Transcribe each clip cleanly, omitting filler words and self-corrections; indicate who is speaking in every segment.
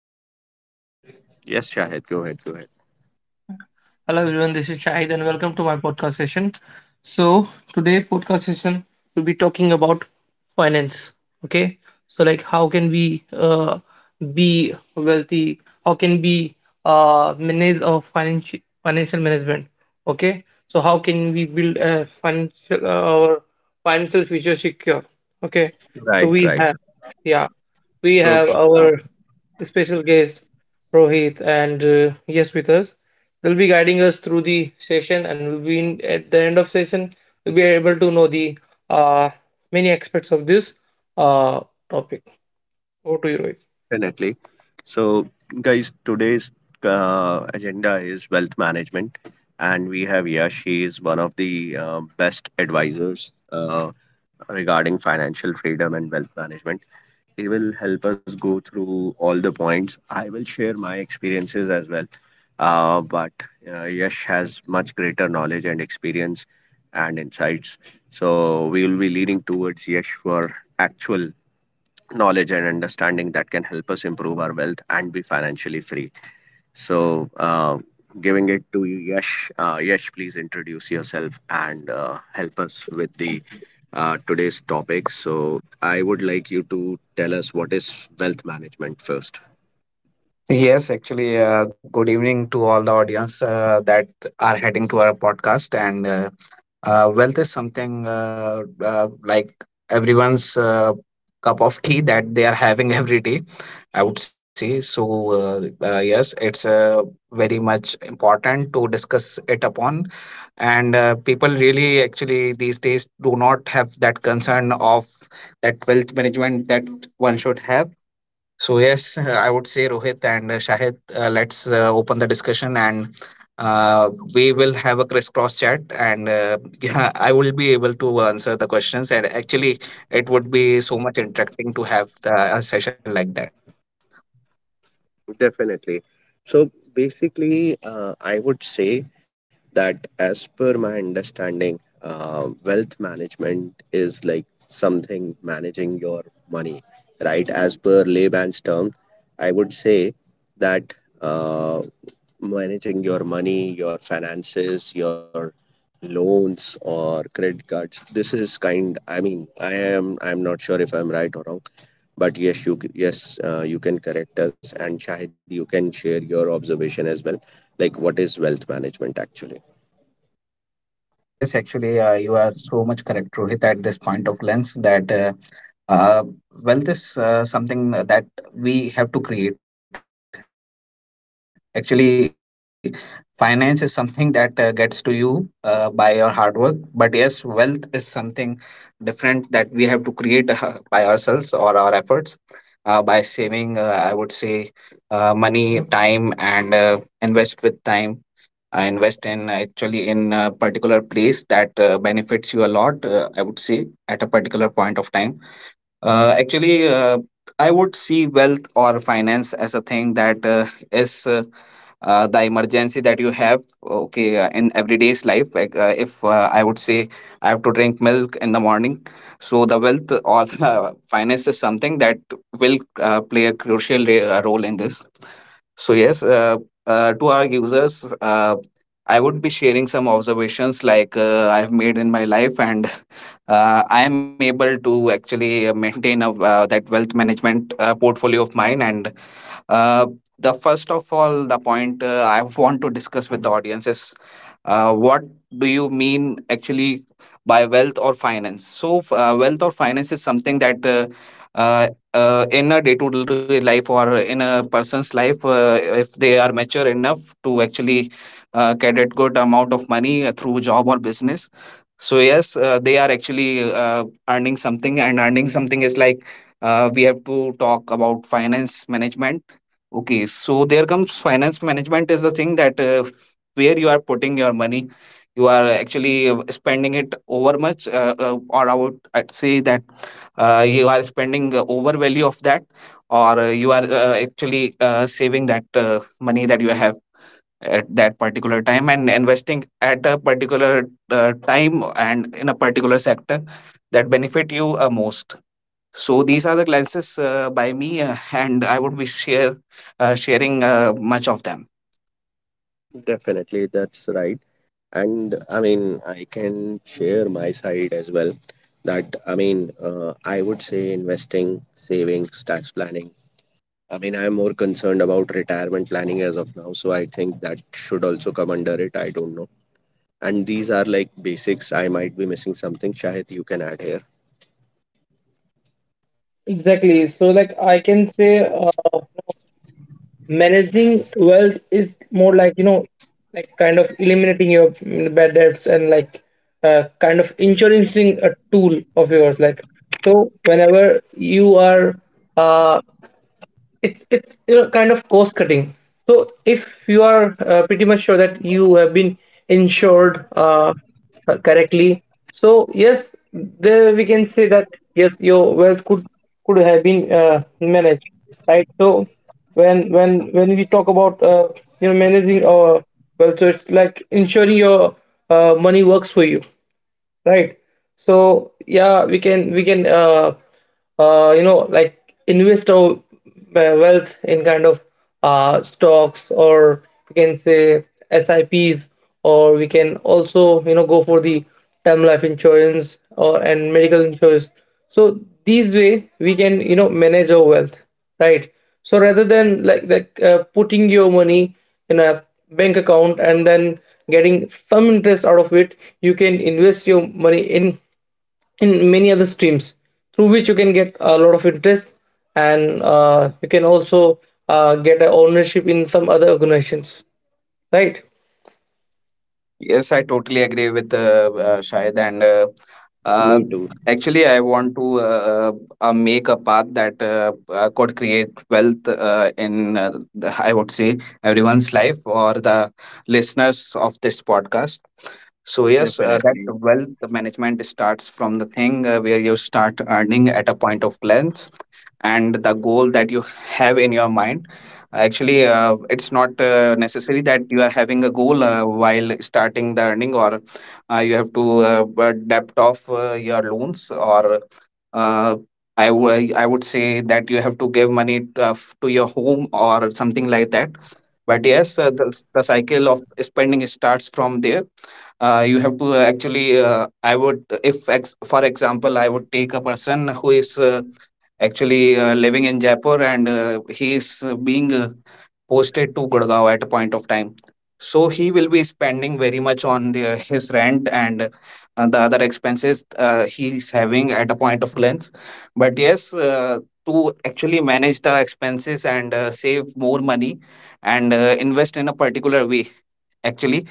Speaker 1: Shahid.
Speaker 2: Yes, Shahid, go ahead, go ahead.
Speaker 1: Hello everyone, this is Shahid and welcome to my podcast session. So today podcast session we'll be talking about finance. Okay, so like how can we be wealthy? How can we manage our financial management? Okay, so how can we build a financial our financial future secure? Okay, so
Speaker 2: Right,
Speaker 1: we
Speaker 2: right.
Speaker 1: have, yeah, we
Speaker 2: So
Speaker 1: have our special guest Rohit, and yes, with us. They'll be guiding us through the session, and we'll be at the end of session. We'll be able to know the uh, many aspects of this uh, topic. Over to you, Rohit.
Speaker 2: definitely. So guys, today's agenda is wealth management, and we have Yash. He is one of the best advisors regarding financial freedom and wealth management. They will help us go through all the points. I will share my experiences as well. But Yash has much greater knowledge and experience and insights. So we will be leaning towards Yash for actual knowledge and understanding that can help us improve our wealth and be financially free. So, giving it to you, Yash. Yash, please introduce yourself and help us with the today's topic. So, I would like you to tell us what is wealth management first.
Speaker 3: Yes, actually, good evening to all the audience that are heading to our podcast. And wealth is something like everyone's cup of tea that they are having every day, I would say. So, yes, it's very much important to discuss it upon. And people really, actually, these days do not have that concern of that wealth management that one should have, so yes, I would say Rohit and Shahid, let's open the discussion, and we will have a crisscross chat, and yeah, I will be able to answer the questions, and actually it would be so much interesting to have a session like that.
Speaker 2: Definitely. So basically, I would say that as per my understanding, wealth management is like something managing your money, right? As per layman's term, I would say that uh, managing your money, your finances, your loans or credit cards. This is kind. I mean, I am. I'm not sure if I'm right or wrong, but yes, yes you can correct us, and Shahid, you can share your observation as well. Like, what is wealth management actually?
Speaker 3: Yes, actually, you are so much correct, Rohit, at this point of lens that, uh, well, this something that we have to create. Actually, finance is something that gets to you by your hard work. But yes, wealth is something different that we have to create by ourselves or our efforts. By saving, I would say, money, time, and invest with time. I invest in actually in a particular place that benefits you a lot, I would say, at a particular point of time. Actually, I would see wealth or finance as a thing that is the emergency that you have. Okay, in everyday's life, like, if I would say I have to drink milk in the morning, so the wealth or finance is something that will play a crucial role in this. So yes, to our users, I would be sharing some observations like I've made in my life. And I am able to actually maintain that wealth management portfolio of mine. And uh, the first of all, the point I want to discuss with the audience is what do you mean actually by wealth or finance? So, wealth or finance is something that uh, in a day to day life or in a person's life, if they are mature enough to actually get a good amount of money through job or business. So yes, they are actually earning something, and earning something is like we have to talk about finance management. Okay, so there comes finance management. Is the thing that where you are putting your money, you are actually spending it over much, or I'd say that you are spending over value of that, or you are actually saving that money that you have at that particular time and investing at a particular time and in a particular sector that benefit you most. So these are the glances by me, and I would be share sharing much of them.
Speaker 2: Definitely, that's right. And I mean, I can share my side as well. That I mean, I would say investing, savings, tax planning I mean, I'm more concerned about retirement planning as of now, so I think that should also come under it. I don't know. And these are like basics. I might be missing something. Shahid, you can add here.
Speaker 1: Exactly. So, like I can say, managing wealth is more like, you know, like kind of eliminating your bad debts, and like, kind of insuring a tool of yours, like, so whenever you are, uh it's, you know, kind of cost cutting. So if you are, pretty much sure that you have been insured, correctly, so yes, there we can say that yes, your wealth could have been managed, right? So when we talk about, you know, managing our wealth, so it's like ensuring your money works for you, right? So yeah, we can, you know, like invest our wealth in kind of stocks, or we can say SIPs, or we can also, you know, go for the term life insurance or and medical insurance. So these way we can, you know, manage our wealth, right? So rather than like putting your money in a bank account and then getting some interest out of it, you can invest your money in many other streams through which you can get a lot of interest, and you can also get a ownership in some other organizations, right?
Speaker 3: Yes, I totally agree with Shahid, and uh,
Speaker 2: Me too,
Speaker 3: actually, I want to uh, make a path that could create wealth in I would say everyone's life or the listeners of this podcast. So yes, that
Speaker 2: definitely.
Speaker 3: wealth management starts from the thing where you start earning at a point of glance, and the goal that you have in your mind. Actually, it's not necessary that you are having a goal while starting the earning, or you have to debt off your loans, or uh, I would say that you have to give money to, to your home or something like that. But yes, the cycle of spending starts from there. You have to actually, I would, if ex- for example, I would take a person who is actually living in Jaipur and he is being posted to Gurgaon at a point of time. So he will be spending very much on his rent and the other expenses he is having at a point of glance. But yes, to actually manage the expenses and save more money and invest in a particular way, actually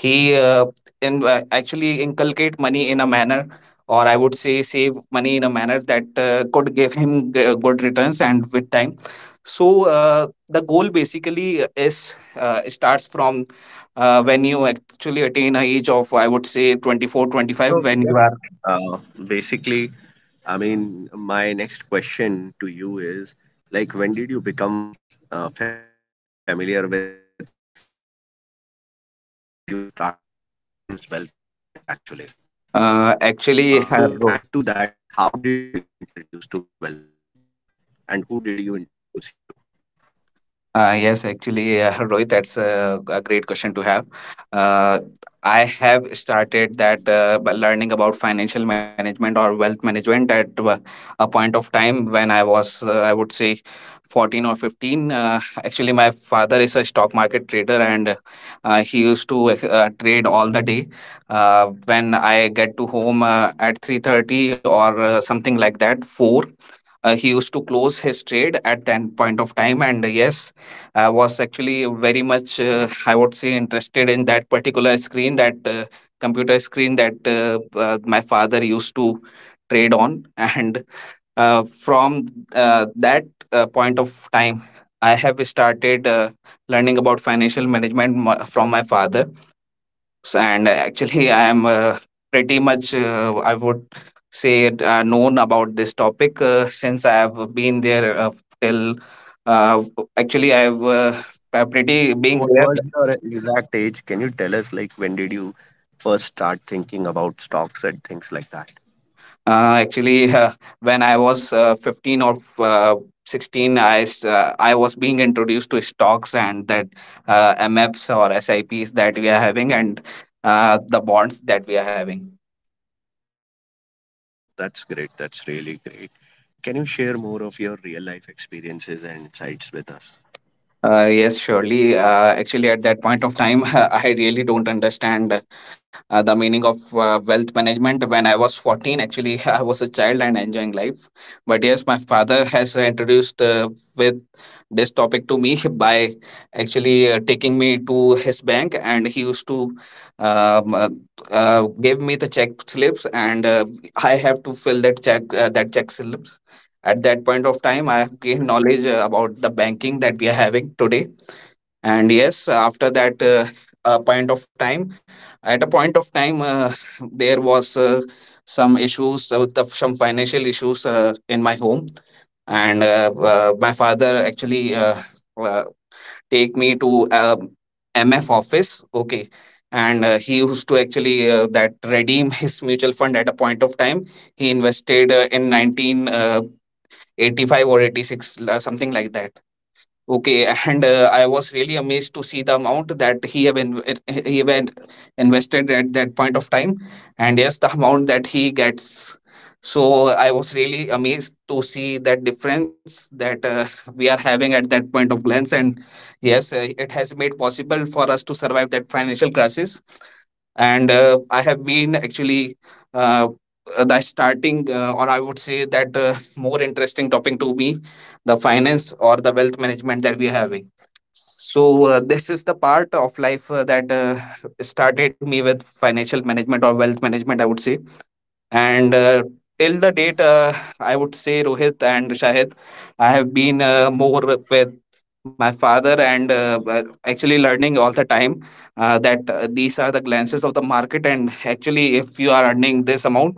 Speaker 3: he actually inculcate money in a manner, or I would say save money in a manner that could give him good returns and with time. So uh, the goal basically is starts from when you actually attain a age of I would say 24, 25
Speaker 2: So,
Speaker 3: when you
Speaker 2: yeah.
Speaker 3: are
Speaker 2: Uh, basically, I mean, my next question to you is like, when did you become familiar with wealth management? Like, when did you start learning what is wealth management actually? And to add to that, how did you
Speaker 3: actually
Speaker 2: get
Speaker 3: have.
Speaker 2: introduced to wealth management? And who did you introduce you to?
Speaker 3: Yes, actually, Rohit, that's a great question to have. Uh, I have started that by learning about financial management or wealth management at a point of time when I was, I would say, 14 or 15. Actually, my father is a stock market trader, and he used to trade all the day. When I get to home at 3:30 or something like that, 4, he used to close his trade at that point of time. And yes, I was actually very much I would say interested in that particular screen, that computer screen that my father used to trade on. And from that point of time I have started learning about financial management from my father. And actually I am pretty much I would say it, known about this topic since I have been there till uh, actually I have pretty
Speaker 2: What
Speaker 3: being
Speaker 2: was
Speaker 3: there.
Speaker 2: your exact age? Can you tell us, like, when did you first start thinking about stocks and things like that?
Speaker 3: Actually, when I was 15 or 16, I was being introduced to stocks, and that MFs or SIPs that we are having, and the bonds that we are having.
Speaker 2: That's great. That's really great. Can you share more of your real life experiences and insights with us?
Speaker 3: Yes, surely. Actually, at that point of time, I really don't understand the meaning of wealth management. When I was 14, actually, I was a child and enjoying life. But yes, my father has introduced with best topic to me by actually taking me to his bank. And he used to um, uh, give me the check slips, and I have to fill that check slips. At that point of time I have gained knowledge about the banking that we are having today. And yes, after that point of time, at a point of time there was some issues some financial issues in my home. And my father actually uh, take me to MF office. Okay, and he used to actually that redeem his mutual fund at a point of time. He invested in 1985 or 86, something like that. Okay, and I was really amazed to see the amount that he have inv- he have in- invested at that point of time, and yes, the amount that he gets. So I was really amazed to see that difference that we are having at that point of glance, and yes, it has made possible for us to survive that financial crisis. And I have been actually uh, the starting or I would say that more interesting topic to me, the finance or the wealth management that we are having. So this is the part of life that started me with financial management or wealth management, I would say. And till the date, I would say Rohit and Shahid, I have been more with my father, and but actually learning all the time that these are the glances of the market. And actually, if you are earning this amount,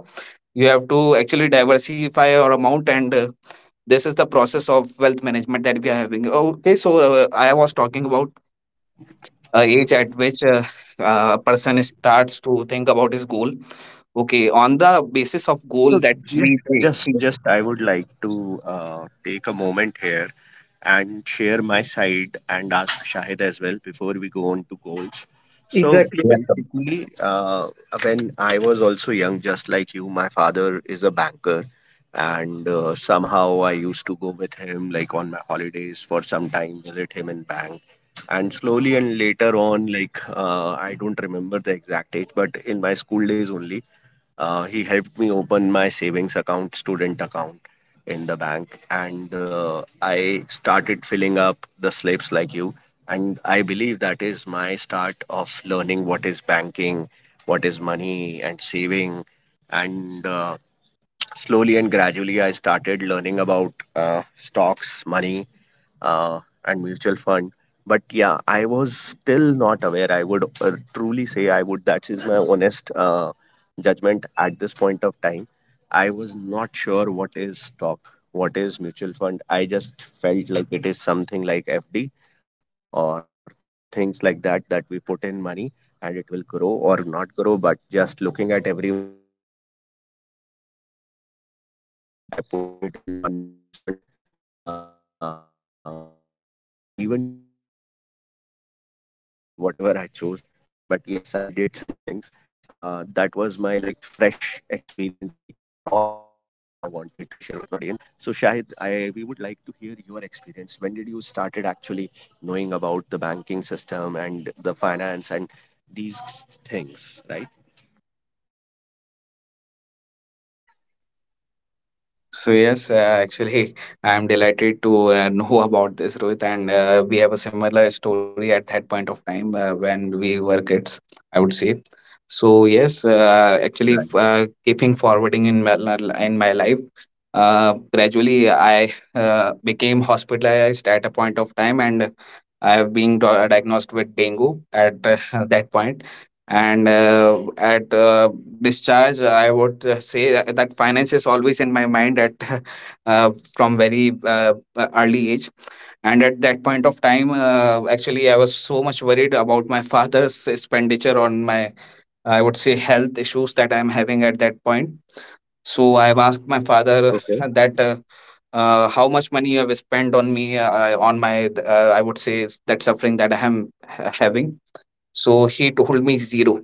Speaker 3: you have to actually diversify your amount. And this is the process of wealth management that we are having. Okay, so I was talking about age at which a person starts to think about his goal. Okay, on the basis of goal
Speaker 2: So,
Speaker 3: that
Speaker 2: ju-
Speaker 3: we
Speaker 2: just,
Speaker 3: think.
Speaker 2: just I would like to take a moment here and share my side and ask Shahid as well before we go on to goals. So
Speaker 1: Exactly,
Speaker 2: basically, when I was also young, just like you, my father is a banker, and somehow I used to go with him like on my holidays for some time, visit him in bank. And slowly and later on, I don't remember the exact age, but in my school days only, he helped me open my savings account, student account in the bank, and I started filling up the slips like you. And I believe that is my start of learning what is banking, what is money, and saving. And slowly and gradually, I started learning about stocks, money, uh, and mutual fund. But yeah, I was still not aware. I would truly say I would. That is my honest judgment at this point of time. I was not sure what is stock, what is mutual fund. I just felt like it is something like FD or things like that that we put in money and it will grow or not grow. But just looking at everyone else, I also bought some stocks. I put it in one mutual fund but I even didn't know that there is a growth plan and a dividend plan, whatever I chose. But yes, I did some things. That was my like fresh experience, like my raw experience that I wanted to share with my audience. So Shahid, I we would like to hear your experience. When did you started actually knowing about the banking system and the finance and these things, right?
Speaker 3: So yes, actually, I am delighted to know about this, Rohit, and we have a similar story at that point of time when we were kids, I would say. So yes, actually, keeping forwarding in in my life, gradually I became hospitalized at a point of time, and I have been diagnosed with dengue at that point and at discharge I would say that finance is always in my mind at from very early age. And at that point of time actually I was so much worried about my father's expenditure on my, I would say, health issues that I'm having at that point. So I've asked my father
Speaker 2: Okay.
Speaker 3: that how much money you have spent on me, on my, I would say, that suffering that I am having. So he told me zero.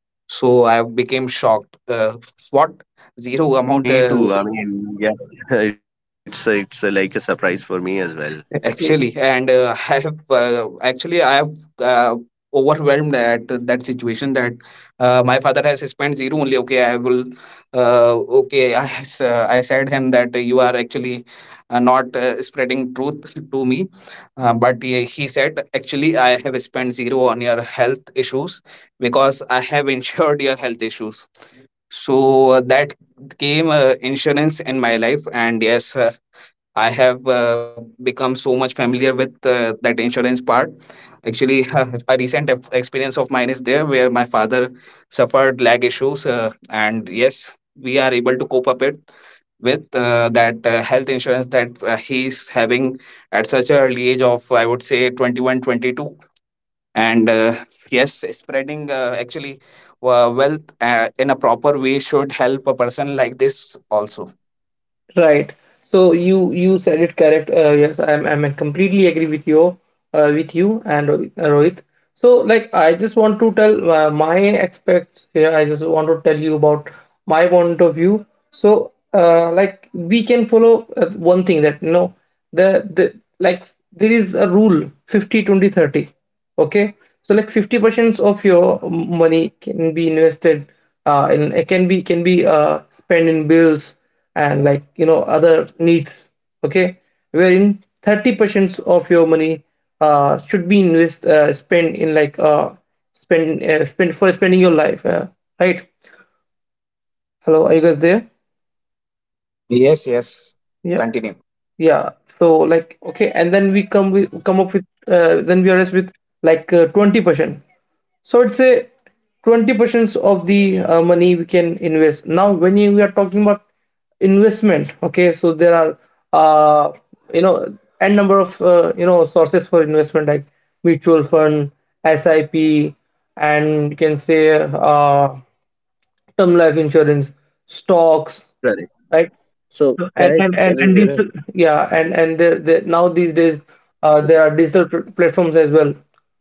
Speaker 3: So I became shocked. What? Zero amount,
Speaker 2: Me too. I mean, yeah, it's it's a, like a surprise for me as well.
Speaker 1: exactly.
Speaker 3: actually? And I have actually I have uh, overwhelmed at that situation that my father has spent zero only. Okay, I will. Uh, okay, I I said him that you are actually not spreading truth to me, but he said actually I have spent zero on your health issues because I have insured your health issues. So that came insurance in my life, and yes, I have become so much familiar with that insurance part. Actually, a recent experience of mine is there where my father suffered leg issues, and yes, we are able to cope up it with that health insurance that he's having at such an early age of, I would say, 21, 22. And yes, spreading, actually, wealth in a proper way should help a person like this also.
Speaker 1: Right. So you said it correct. Yes, I'm completely agree with you and Rohit. So like I just want to tell my aspects here. I just want to tell you about my point of view. So like we can follow one thing that, you know, the like there is a rule 50/20/30. Okay, so like 50% of your money can be invested, in, it can be spent in bills and, like, you know, other needs. Okay, wherein 30% of your money should be invest spent in, like, spend for spending your life, right? Hello, are you guys there?
Speaker 3: Yes, yes.
Speaker 1: Yeah,
Speaker 3: Continue.
Speaker 2: Yes, yes, we
Speaker 1: yeah,
Speaker 2: are there.
Speaker 1: so
Speaker 2: Both of
Speaker 1: like,
Speaker 2: us are
Speaker 1: okay, and
Speaker 2: here.
Speaker 1: then we
Speaker 2: And
Speaker 1: come up
Speaker 2: Shahid
Speaker 1: with
Speaker 2: first,
Speaker 1: then we are left with, like, 20%. So it's a
Speaker 2: correct, correct.
Speaker 1: 20% of the
Speaker 2: These are like
Speaker 1: money we can
Speaker 2: really
Speaker 1: invest.
Speaker 2: great.
Speaker 1: Now, when we are talking about investment, okay, so there are, uh, you know, n number of, you know, sources for investment, like mutual fund, sip, and you can say, uh, term life insurance, stocks, right?
Speaker 2: Correct.
Speaker 1: So, and
Speaker 2: So,
Speaker 1: and and,
Speaker 2: Shahid,
Speaker 1: and
Speaker 2: can you
Speaker 1: digital,
Speaker 2: hear us?
Speaker 1: yeah, and there now these days, there
Speaker 2: Okay,
Speaker 1: are digital platforms as well,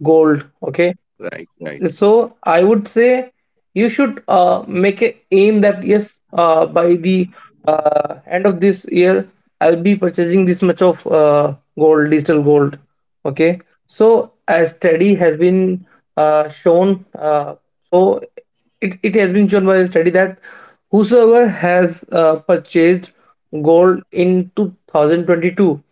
Speaker 1: gold, okay.
Speaker 2: right, right.
Speaker 1: So I would say, you should make a aim that, yes, by the end of this year, I'll be purchasing this much of gold, digital gold, okay, so as study has been, shown, so it has been shown by a study that whosoever has purchased gold in 2022,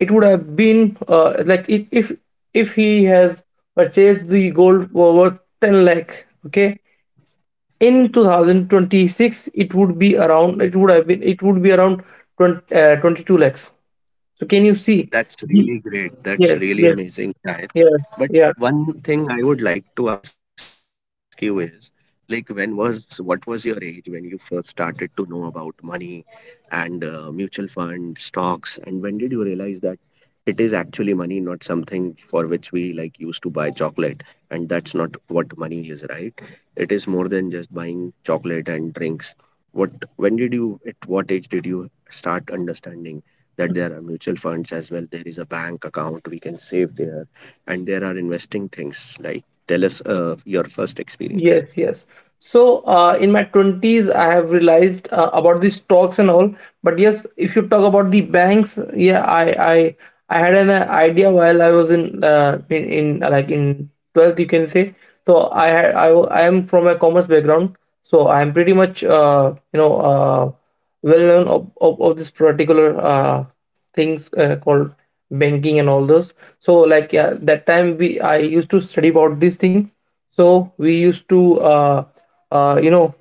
Speaker 1: it would have been, like, if he has purchased the gold for worth 10 lakh. Okay, in 2026 it would be around 20, 22 lakhs. So can you see? Mhm.
Speaker 2: That's really
Speaker 1: Yes,
Speaker 2: great. That's
Speaker 1: yes,
Speaker 2: really amazing,
Speaker 1: yes,
Speaker 2: Shahid.
Speaker 1: yeah.
Speaker 2: But one thing I would like to ask you is, like, when was what was your age when you first started to know about money and mutual fund stocks, and when did you realize that it is actually money, not something for which we like used to buy chocolate, and that's not what money is, right? It is more than just buying chocolate and drinks. What when did you at what age did you start understanding that there are mutual funds as well, there is a bank account we can save there, and there are investing things? Like, tell us your first experience.
Speaker 1: Yes, yes. So, in my 20s, I have realized, about the stocks and all. But yes, if you talk about the banks, yeah, I had an idea while I was in like in 12th, you can say. So I had I, wa- I am from a commerce background, so I am pretty much, you know, well known of this particular things called banking and all those. So like, yeah, that time we I used to study about this thing, so we used to, you know,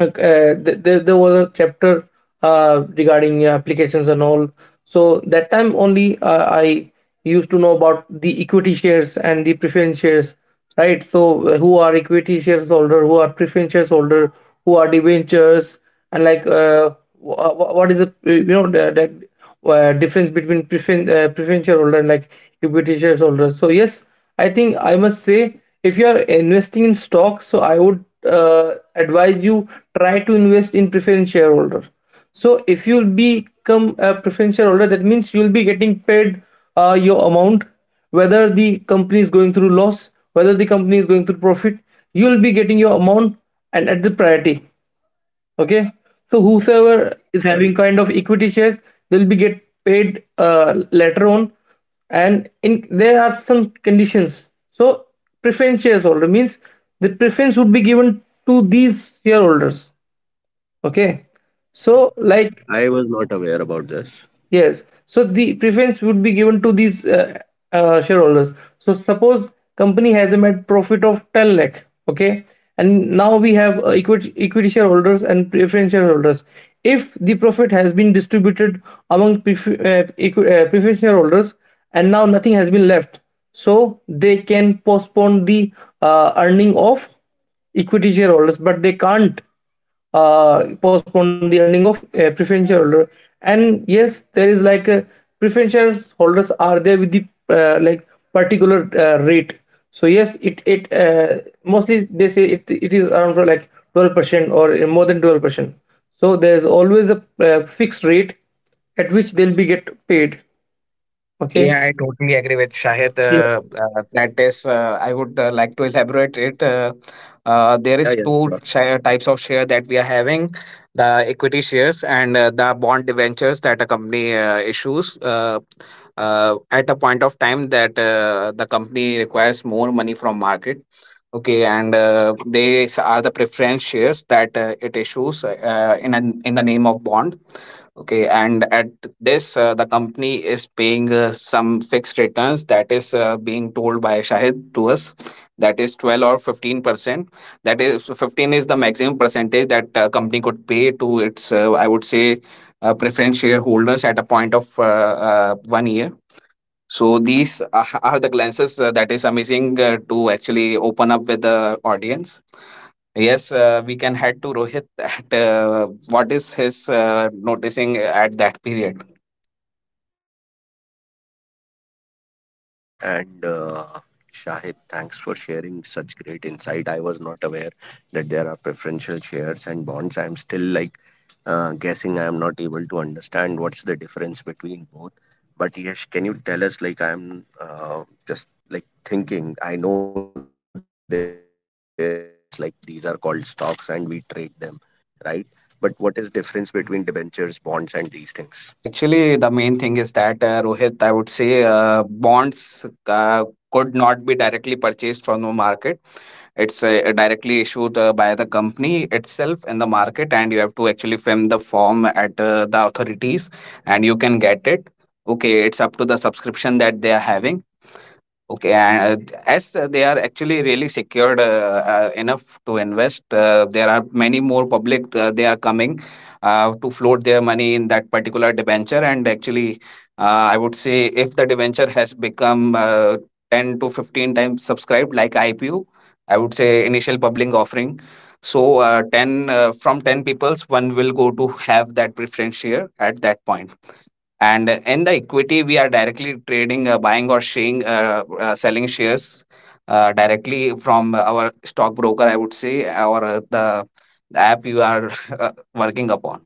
Speaker 1: like, there was a chapter regarding applications and all. So that time only, I used to know about the equity shares and the preference shares, right? So who are equity shares holder, who are preference shares holder, who are debentures, and like, what is the, you know, the difference between preferential holder and like equity shares holder. So yes, I think I must say, if you are investing in stock, so I would advise you, try to invest in preference shareholder. So if you'll become a preference shareholder, that means you'll be getting paid, your amount, whether the company is going through loss, whether the company is going through profit, you'll be getting your amount and at the priority. Okay, so whosoever
Speaker 2: Right,
Speaker 1: is
Speaker 2: right.
Speaker 1: having kind of equity shares, they'll be get paid, later on, and in, there are some conditions. So preference shares holder means the preference would be given to these shareholders. Okay,
Speaker 2: Oh,
Speaker 1: so like,
Speaker 2: I was not aware about this.
Speaker 1: yes, so the preference would be given to these, shareholders. So suppose company has a net profit of 10 lakh, okay? And now we have, equity shareholders and preference shareholders. If the profit has been distributed among preference shareholders, and now nothing has been left, so they can postpone the earning of equity shareholders, but they can't postpone the earning of a preferential holder. And yes, there is like a preferential holders are there with the, like particular rate. So yes, it mostly, they say, it is around for like 12% or, more than 12%. So there is always a, fixed rate at which they'll be get paid. Okay.
Speaker 3: Yeah, I totally agree with Shahid, that is, I would like to elaborate it. There is
Speaker 2: Yeah, yeah,
Speaker 3: two
Speaker 2: sure.
Speaker 3: share, types of share that we are having: the equity shares and the bond debentures that a company issues at a point of time that the company requires more money from market. Okay, and these are the preference shares that it issues in the name of bond. Okay, and at this, the company is paying some fixed returns that is being told by Shahid to us. That is 12 or 15%. That is, 15 is the maximum percentage that company could pay to its, I would say, preference shareholders at a point of one year. So these are the glances that is amazing to actually open up with the audience. Yes, we can head to Rohit at what is his noticing at that period.
Speaker 2: So, I mean, Yash and Shahid, thanks for sharing such great insight. I was not aware that there are preferential shares and bonds. I'm still like guessing. I am not able to understand what's the difference between both. But Yash, can you tell us? Like, I'm just like thinking. I know there are shares, like these are called stocks, and we trade them, right? But what is difference between debentures, bonds, and these things?
Speaker 3: Actually, the main thing is that Rohit, I would say, bonds could not be directly purchased from the market. It's directly issued by the company itself in the market, and you have to actually fill the form at the authorities, and you can get it. Okay, it's up to the subscription that they are having. Okay, and as they are actually really secured enough to invest, there are many more public they are coming to float their money in that particular debenture. And actually, I would say if the debenture has become 10 to 15 times subscribed, like IPO, I would say initial public offering. So, 10, from 10 peoples, one will go to have that preference share at that point. And in the equity, we are directly trading, buying or sharing, selling shares directly from our stockbroker, I would say, or the app you are working upon.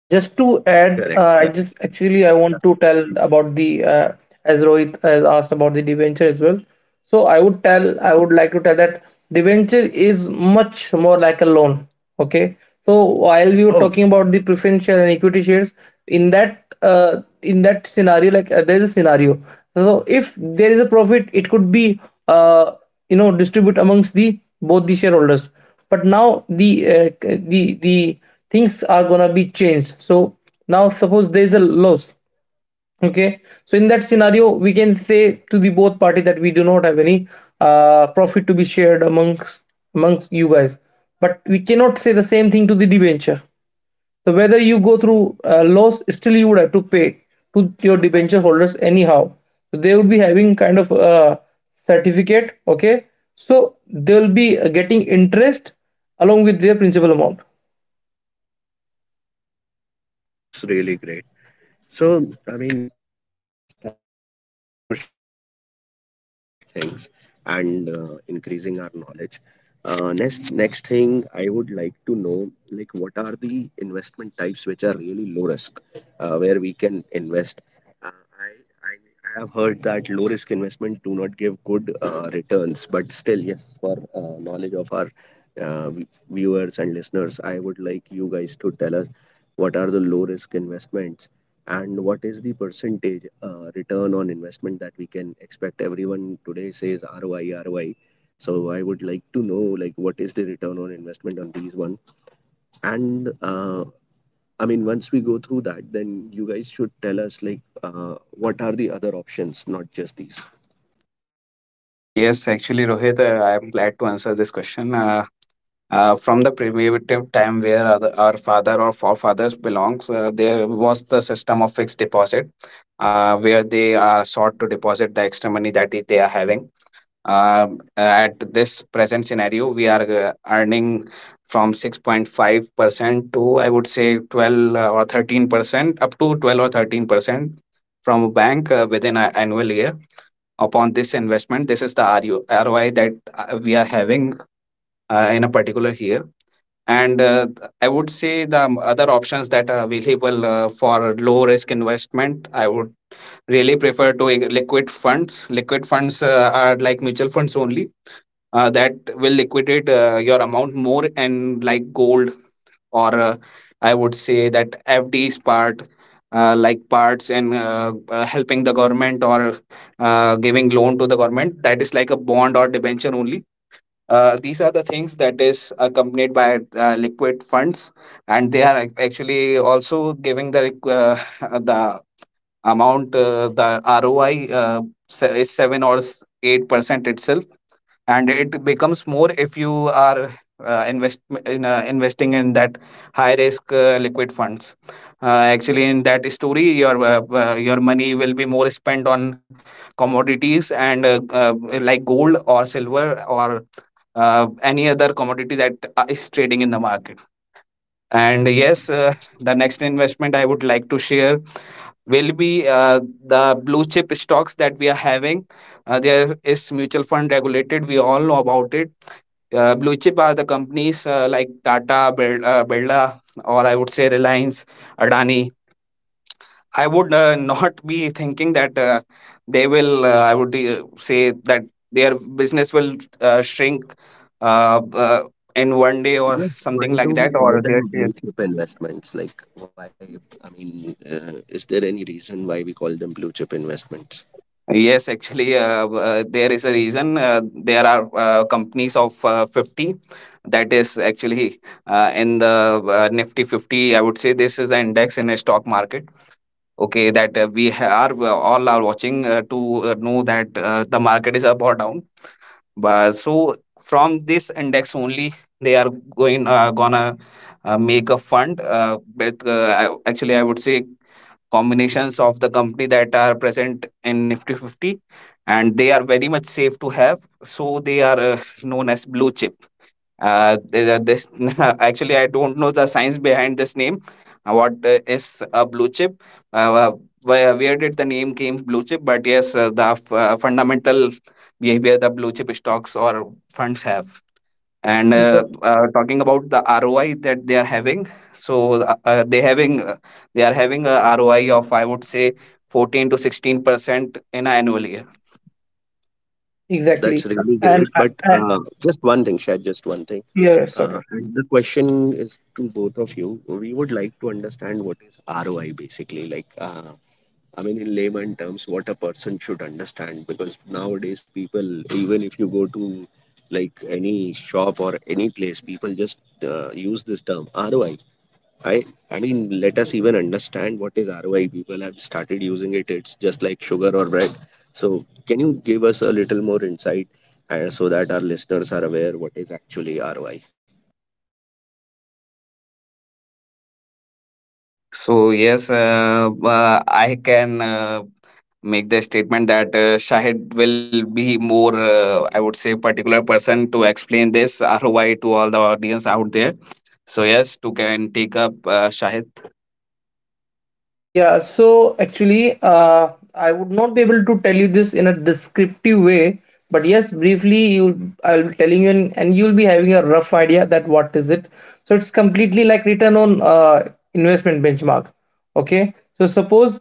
Speaker 1: Just to add,
Speaker 2: Correct,
Speaker 1: I
Speaker 2: correct.
Speaker 1: just actually I want to tell about the, as Rohit has asked about the debenture as well. So I would like to tell that debenture is much more like a loan. Okay. So while we were
Speaker 2: Oh,
Speaker 1: talking about the preferential and equity shares, in that scenario, like, there is a scenario. So if there is a profit, it could be, uh, you know, distribute amongst the both the shareholders. But now the things are gonna be changed. So now suppose there is a loss. Okay, so in that scenario we can say to the both party that we do not have any profit to be shared amongst you guys, but we cannot say the same thing to the debenture. So whether you go through, loss, still you would have to pay to your debenture holders anyhow. So they would be having kind of a certificate. Okay, so they will be, getting interest along with their principal amount.
Speaker 2: that's really great. So, I mean, thanks for sharing such really important things and increasing our knowledge. Next thing I would like to know, like, what are the investment types which are really low risk, where we can invest? Uh, I, I I have heard that low risk investment do not give good returns, but still, yes, for knowledge of our viewers and listeners, I would like you guys to tell us what are the low risk investments and what is the percentage return on investment that we can expect. Everyone today says ROI, ROI, so I would like to know, like, what is the return on investment on these one? And I mean, once we go through that, then you guys should tell us, like, uh, what are the other options, not just these.
Speaker 3: Yes, actually, Rohit, I am glad to answer this question. From the primitive time where other, our father or forefathers belongs, there was the system of fixed deposit, where they are sought to deposit the extra money that they are having. At this present scenario, we are earning from 6.5% to, I would say, 12 or 13%, up to 12 or 13% from a bank within an annual year. Upon this investment, this is the ROI that we are having in a particular year. And I would say the other options that are available for low risk investment, I would really prefer to liquid funds. Liquid funds are like mutual funds only that will liquidate your amount more, and like gold or I would say that FDs part, like parts, and helping the government or giving loan to the government, that is like a bond or debenture only. These are the things that is accompanied by liquid funds, and they are actually also giving the the amount, the roi is 7 or 8% itself. And it becomes more if you are uh, invest investing in that high risk liquid funds. Actually, in that story your money will be more spent on commodities and like gold or silver or any other commodity that is trading in the market. And yes, the next investment I would like to share will be the blue chip stocks that we are having. There is mutual fund regulated. We all know about it. Blue chip are the companies like Tata, Birla, or, I would say, Reliance, Adani. I would not be thinking that they will. I would say that their business will shrink uh, uh, in one day
Speaker 2: So
Speaker 3: or
Speaker 2: yeah,
Speaker 3: something
Speaker 2: why
Speaker 3: like
Speaker 2: do
Speaker 3: that,
Speaker 2: we
Speaker 3: or
Speaker 2: call
Speaker 3: their
Speaker 2: them blue chip investments? Like why? I mean, is there any reason why we call them blue chip investments?
Speaker 3: Yes, actually, there is a reason. There are companies of 50 that is actually in the Nifty 50. I would say this is the index in a stock market. Okay, that we ha- are all are watching to know that the market is up or down. But so from this index only, they are going gonna make a fund. But I, actually, I would say combinations of the company that are present in Nifty 50, and they are very much safe to have. So they are known as blue chip uh, this actually I don't know the science behind this name, what is a blue chip, uh, uh, where did the name came blue chip. But yes, fundamental behavior the blue chip stocks or funds have. And
Speaker 1: Exactly.
Speaker 3: talking about the ROI that they are having, so they are having a ROI of, I would say, 14 to 16% in an annual year.
Speaker 2: That's
Speaker 1: Exactly.
Speaker 2: really
Speaker 1: And,
Speaker 2: great. But
Speaker 1: and
Speaker 2: just one thing, Shad, just one thing.
Speaker 1: yes, okay.
Speaker 2: And the question is to both of you. We would like to understand what is ROI basically. Like, I mean, in layman terms, what a person should understand. Because nowadays, people, even if you go to like any shop or any place, people just use this term ROI. I I mean, let us even understand what is ROI. People have started using it. It's just like sugar or bread. So, can you give us a little more insight so that our listeners are aware what is actually ROI?
Speaker 3: So yes, I can make the statement that Shahid will be more, I would say, particular person to explain this ROI to all the audience out there. So yes, to can take up Shahid.
Speaker 1: Yeah, so actually, I would not be able to tell you this in a descriptive way, but yes, briefly, you I'll be telling you, and you'll be having a rough idea that what is it. So it's completely like return on, investment benchmark. Okay, so suppose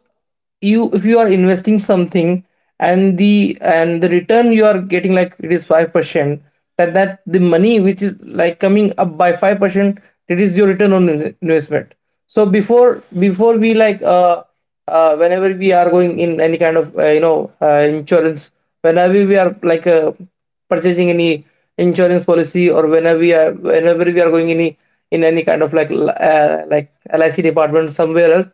Speaker 1: you if you are investing something, and the return you are getting, like, it is 5%, that the money which is, like, coming up by 5%, it is your return on investment. So before we, like, whenever we are going in any kind of, you know, insurance, whenever we are, like, purchasing any insurance policy, or whenever we are going any, in any kind of like, like lic department somewhere else,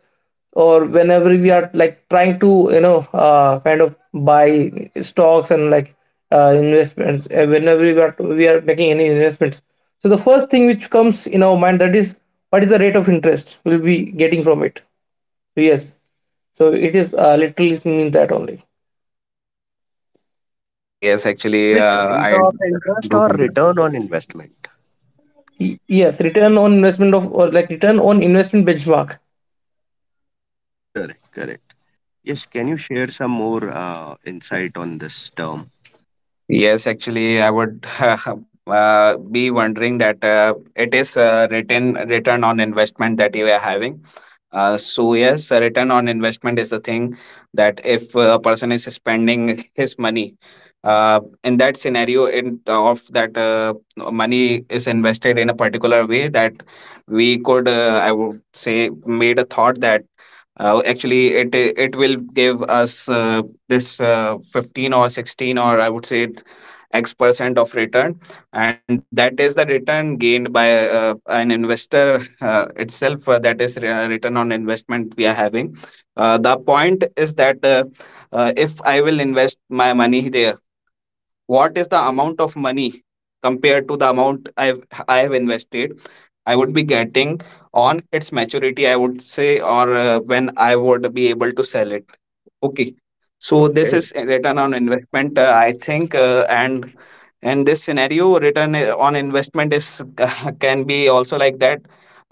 Speaker 1: or whenever we are, like, trying to, you know, kind of buy stocks and, like, investments, whenever we are making any investments. So the first thing which comes in our mind, that is, what is the rate of interest we'll be getting from it? So yes, so it is, literally means that only.
Speaker 3: Yes,
Speaker 2: Is
Speaker 3: actually
Speaker 2: it rate
Speaker 3: I
Speaker 2: of interest
Speaker 3: do
Speaker 2: or
Speaker 3: comply.
Speaker 2: return on investment?
Speaker 1: Yes, return on investment of, or like, return on investment benchmark.
Speaker 2: Correct, correct. Yes, can you share some more insight on this term?
Speaker 3: Yes, actually, I would be wondering that it is written return on investment that you are having. So yes, a return on investment is the thing that if a person is spending his money, in that scenario, in of that money is invested in a particular way that we could, I would say, made a thought that actually it will give us this 15 or 16, or I would say x percent of return. And that is the return gained by an investor itself, that is return on investment we are having. The point is that if I will invest my money there, what is the amount of money compared to the amount I have invested I would be getting on its maturity, I would say, or when I would be able to sell it. Okay. So this
Speaker 2: Okay,
Speaker 3: is return on investment, I think, and in this scenario, return on investment is can be also like that.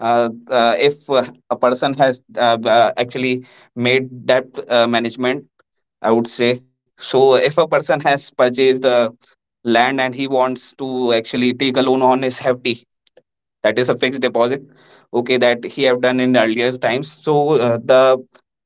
Speaker 3: If a person has actually made debt management, I would say. So if a person has purchased the land and he wants to actually take a loan on his FD, that is a fixed deposit, okay, that he have done in earlier times. So the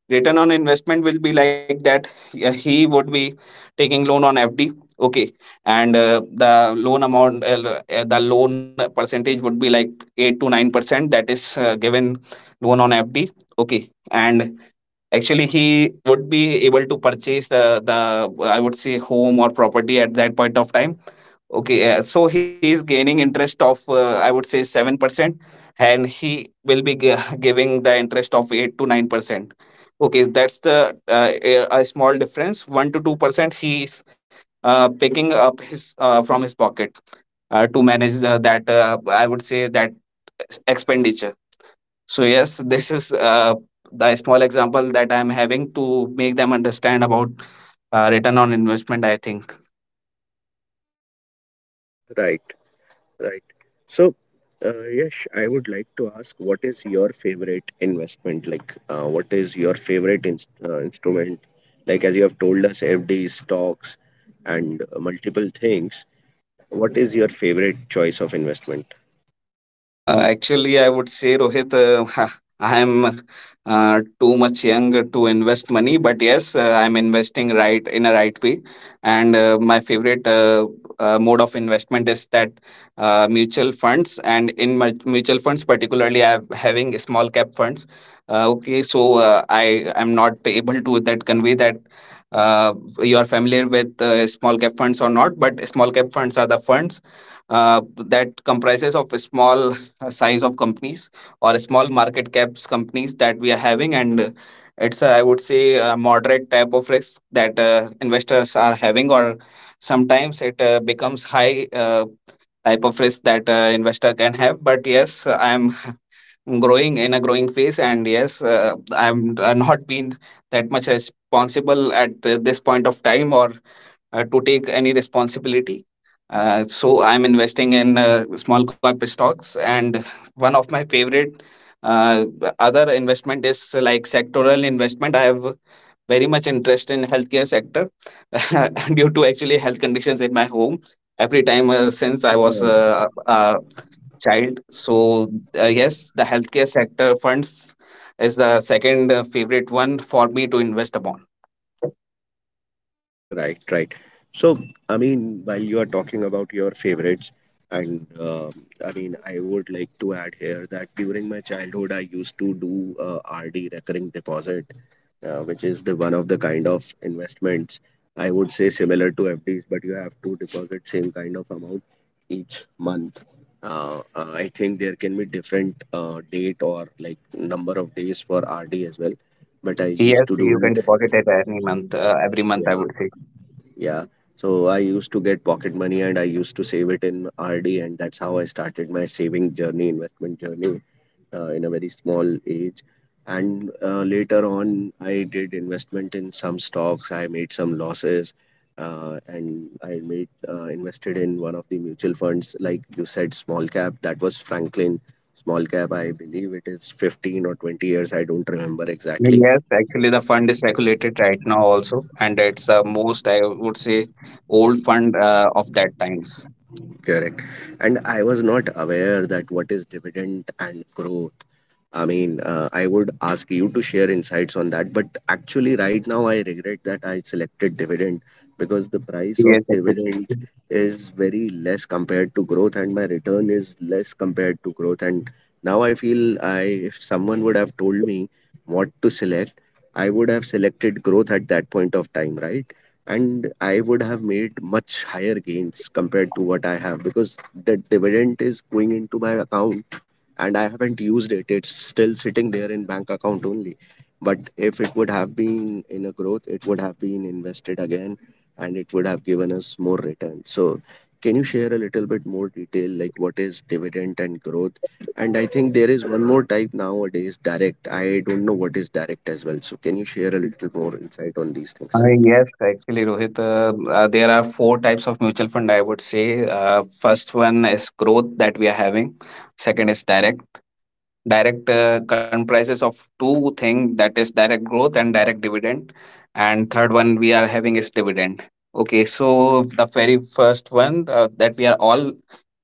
Speaker 3: return on investment will be like that. Yeah, he would be taking loan on FD. Okay, and the loan amount, the loan percentage would be like 8 to 9%, that is given loan on FD. Okay, and actually he would be able to purchase the, I would say, home or property at that point of time. Okay, so he is gaining interest of, I would say, 7%, and he will be giving the interest of 8 to 9%. Okay, that's the a small difference. 1 to 2% he is picking up his from his pocket to manage that I would say that expenditure. So yes, this is the small example that I am having to make them understand about return on investment, I think.
Speaker 2: right. Right. So, Yash, I would like to ask, what is your favorite investment? Like, what is your favorite instrument? Like, as you have told us, FDs, stocks, and multiple things. What is your favorite choice of investment?
Speaker 3: Actually, I would say, Rohit, I am too much young to invest money, but yes, I'm investing right in a right way. And my favorite mode of investment is that mutual funds, and in mutual funds, particularly, I'm having small cap funds. Okay, so I am not able to that convey that. You are familiar with small cap funds or not, but small cap funds are the funds that comprises of small size of companies or small market caps companies that we are having. And it's I would say a moderate type of risk that investors are having, or sometimes it becomes high type of risk that investor can have. But yes, I am growing in a growing phase. And yes, I'm not been that much responsible at this point of time or to take any responsibility. So I'm investing in small cap stocks, and one of my favorite uh, other investment is like sectoral investment. I have very much interest in healthcare sector due to actually health conditions in my home. Every time since I was
Speaker 2: Right.
Speaker 3: a child, so yes, the healthcare sector funds is the second favorite one for me to invest upon.
Speaker 2: Right, right. So, I mean, while you are talking about your favorites, and I mean, I would like to add here that during my childhood, I used to do RD recurring deposit, which is the one of the kind of investments I would say similar to FDs, but you have to deposit same kind of amount each month. I think there can be different date or like number of days for RD as well, but I used
Speaker 3: Yes,
Speaker 2: to do
Speaker 3: you can deposit it any month, every month,
Speaker 2: it.
Speaker 3: I would say.
Speaker 2: Yeah. So I used to get pocket money and I used to save it in RD, and that's how I started my saving journey, investment journey in a very small age. And later on, I did investment in some stocks. I made some losses, and I made invested in one of the mutual funds, like you said, small cap. That was Franklin small cap. I believe it is 15 or 20 years. I don't remember exactly.
Speaker 3: Yes, actually, the fund is circulated right now also, and it's most I would say old fund of that times.
Speaker 2: Correct. And I was not aware that what is dividend and growth. I mean, I would ask you to share insights on that. But actually, right now, I regret that I selected dividend because the price of
Speaker 3: Yes,
Speaker 2: dividend
Speaker 3: actually.
Speaker 2: is very less compared to growth, and my return is less compared to growth. And now I feel I, if someone would have told me what to select, I would have selected growth at that point of time, right? And I would have made much higher gains compared to what I have because the dividend is going into my account and I haven't used it. It's still sitting there in bank account only. But if it would have been in a growth, it would have been invested again and it would have given us more return. So can you share a little bit more detail like what is dividend and growth? And I think there is one more type nowadays, direct. I don't know what is direct as well. So can you share a little more insight on these things?
Speaker 3: Yes, actually, Rohit, there are four types of mutual fund, I would say. First one is growth that we are having. Second is direct. Direct comprises of two things, that is direct growth and direct dividend. And third one we are having is dividend. Okay, so the very first one that we are all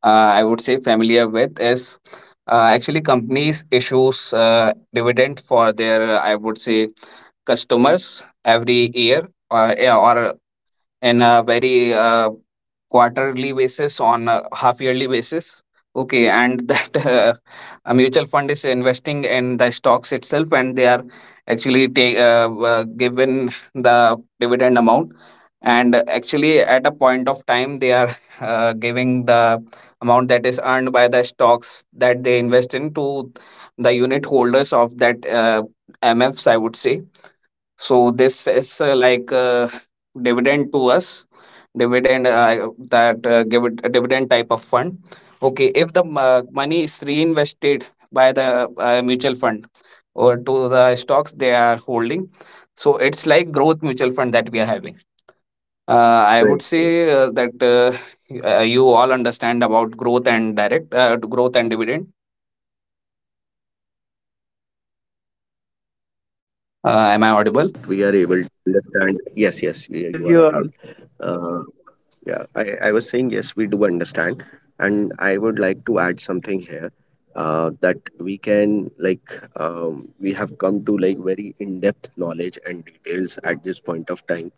Speaker 3: I would say familiar with is actually companies issues dividend for their I would say customers every year or in a very quarterly basis on a half yearly basis, okay. And that a mutual fund is investing in the stocks itself, and they are actually take given the dividend amount, and actually at a point of time they are giving the amount that is earned by the stocks that they invest in to the unit holders of that MFs, I would say. So this is like dividend to us, dividend that give it a dividend type of fund. Okay, if the money is reinvested by the mutual fund or to the stocks they are holding, so it's like growth mutual fund that we are having. Uh, I would
Speaker 2: Great.
Speaker 3: say that you all understand about growth and direct growth and dividend.
Speaker 2: We
Speaker 3: Am I
Speaker 2: are able to
Speaker 3: audible?
Speaker 2: understand. Yes, yes, you are
Speaker 1: Yes,
Speaker 2: audible.
Speaker 1: yes, you are.
Speaker 2: Uh, yeah, I was saying, yes, we do understand. And I would like to add something here that we can, like, we have come to like very in depth knowledge and details at this point of time.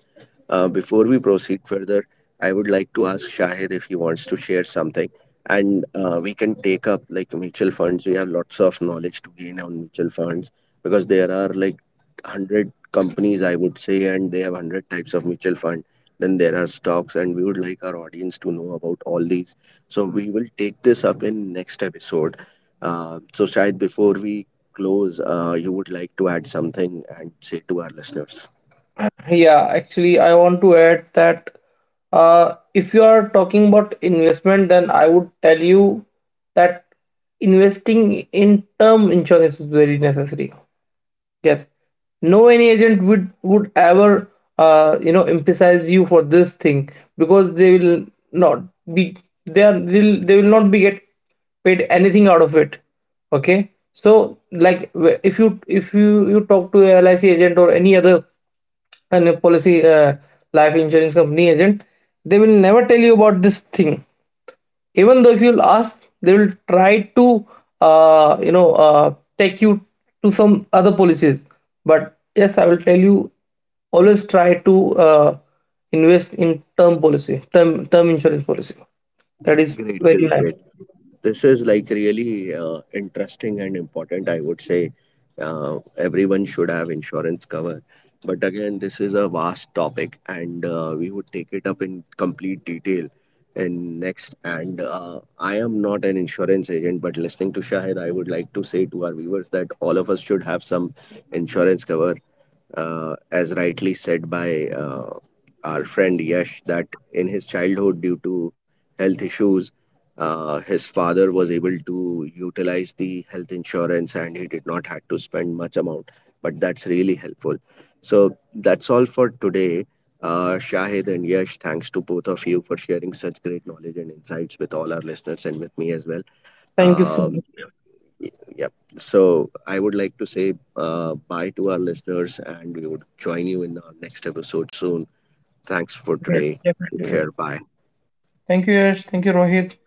Speaker 2: Before we proceed further, I would like to ask Shahid if he wants to share something, and we can take up like mutual funds. We have lots of knowledge to gain on mutual funds because there are like 100 companies, I would say, and they have 100 types of mutual fund. Then there are stocks, and we would like our audience to know about all these. So we will take this up in next episode. So Shahid, before we close, you would like to add something and say to our listeners.
Speaker 1: Yeah, actually, I want to add that, if you are talking about investment, then I would tell you that investing in term insurance is very necessary. Yes. No, any agent would ever, you know, emphasize you for this thing, because not they will not be get paid anything out of it. Okay. So like, if you you talk to a LIC agent or any other, and a policy, life insurance company agent, they will never tell you about this thing. Even though, if you'll ask, they will try to, you know, take you to some other policies. But yes, I will tell you, always try to, invest in term insurance policy. That is
Speaker 2: Great,
Speaker 1: very
Speaker 2: great,
Speaker 1: nice.
Speaker 2: great. This is like really interesting and important. I would say everyone should have insurance cover. But again, this is a vast topic, and we would take it up in complete detail in next. And I am not an insurance agent, but listening to Shahid, I would like to say to our viewers that all of us should have some insurance cover as rightly said by our friend Yash, that in his childhood, due to health issues, his father was able to utilize the health insurance and he did not had to spend much amount. But that's really helpful. So that's all for today. Shahid and Yash, thanks to both of you for sharing such great knowledge and insights with all our listeners and with me as well.
Speaker 1: Thank you so
Speaker 2: Um,
Speaker 1: much.
Speaker 2: Y- Yep. So I would like to say bye to our listeners, and we would join you in our next episode soon. Thanks for
Speaker 1: Yeah,
Speaker 2: today. Take
Speaker 1: definitely.
Speaker 2: care. Bye.
Speaker 1: Thank you, Yash. Thank you, Rohit.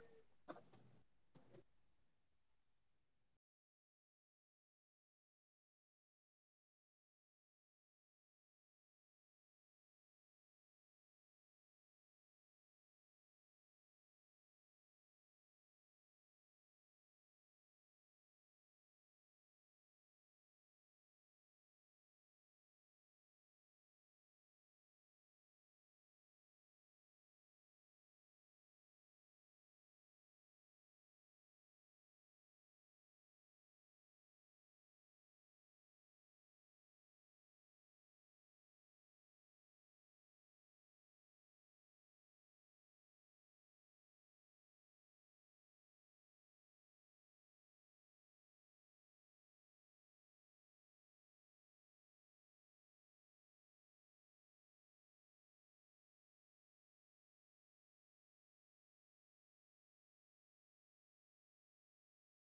Speaker 3: Thank you to both of you.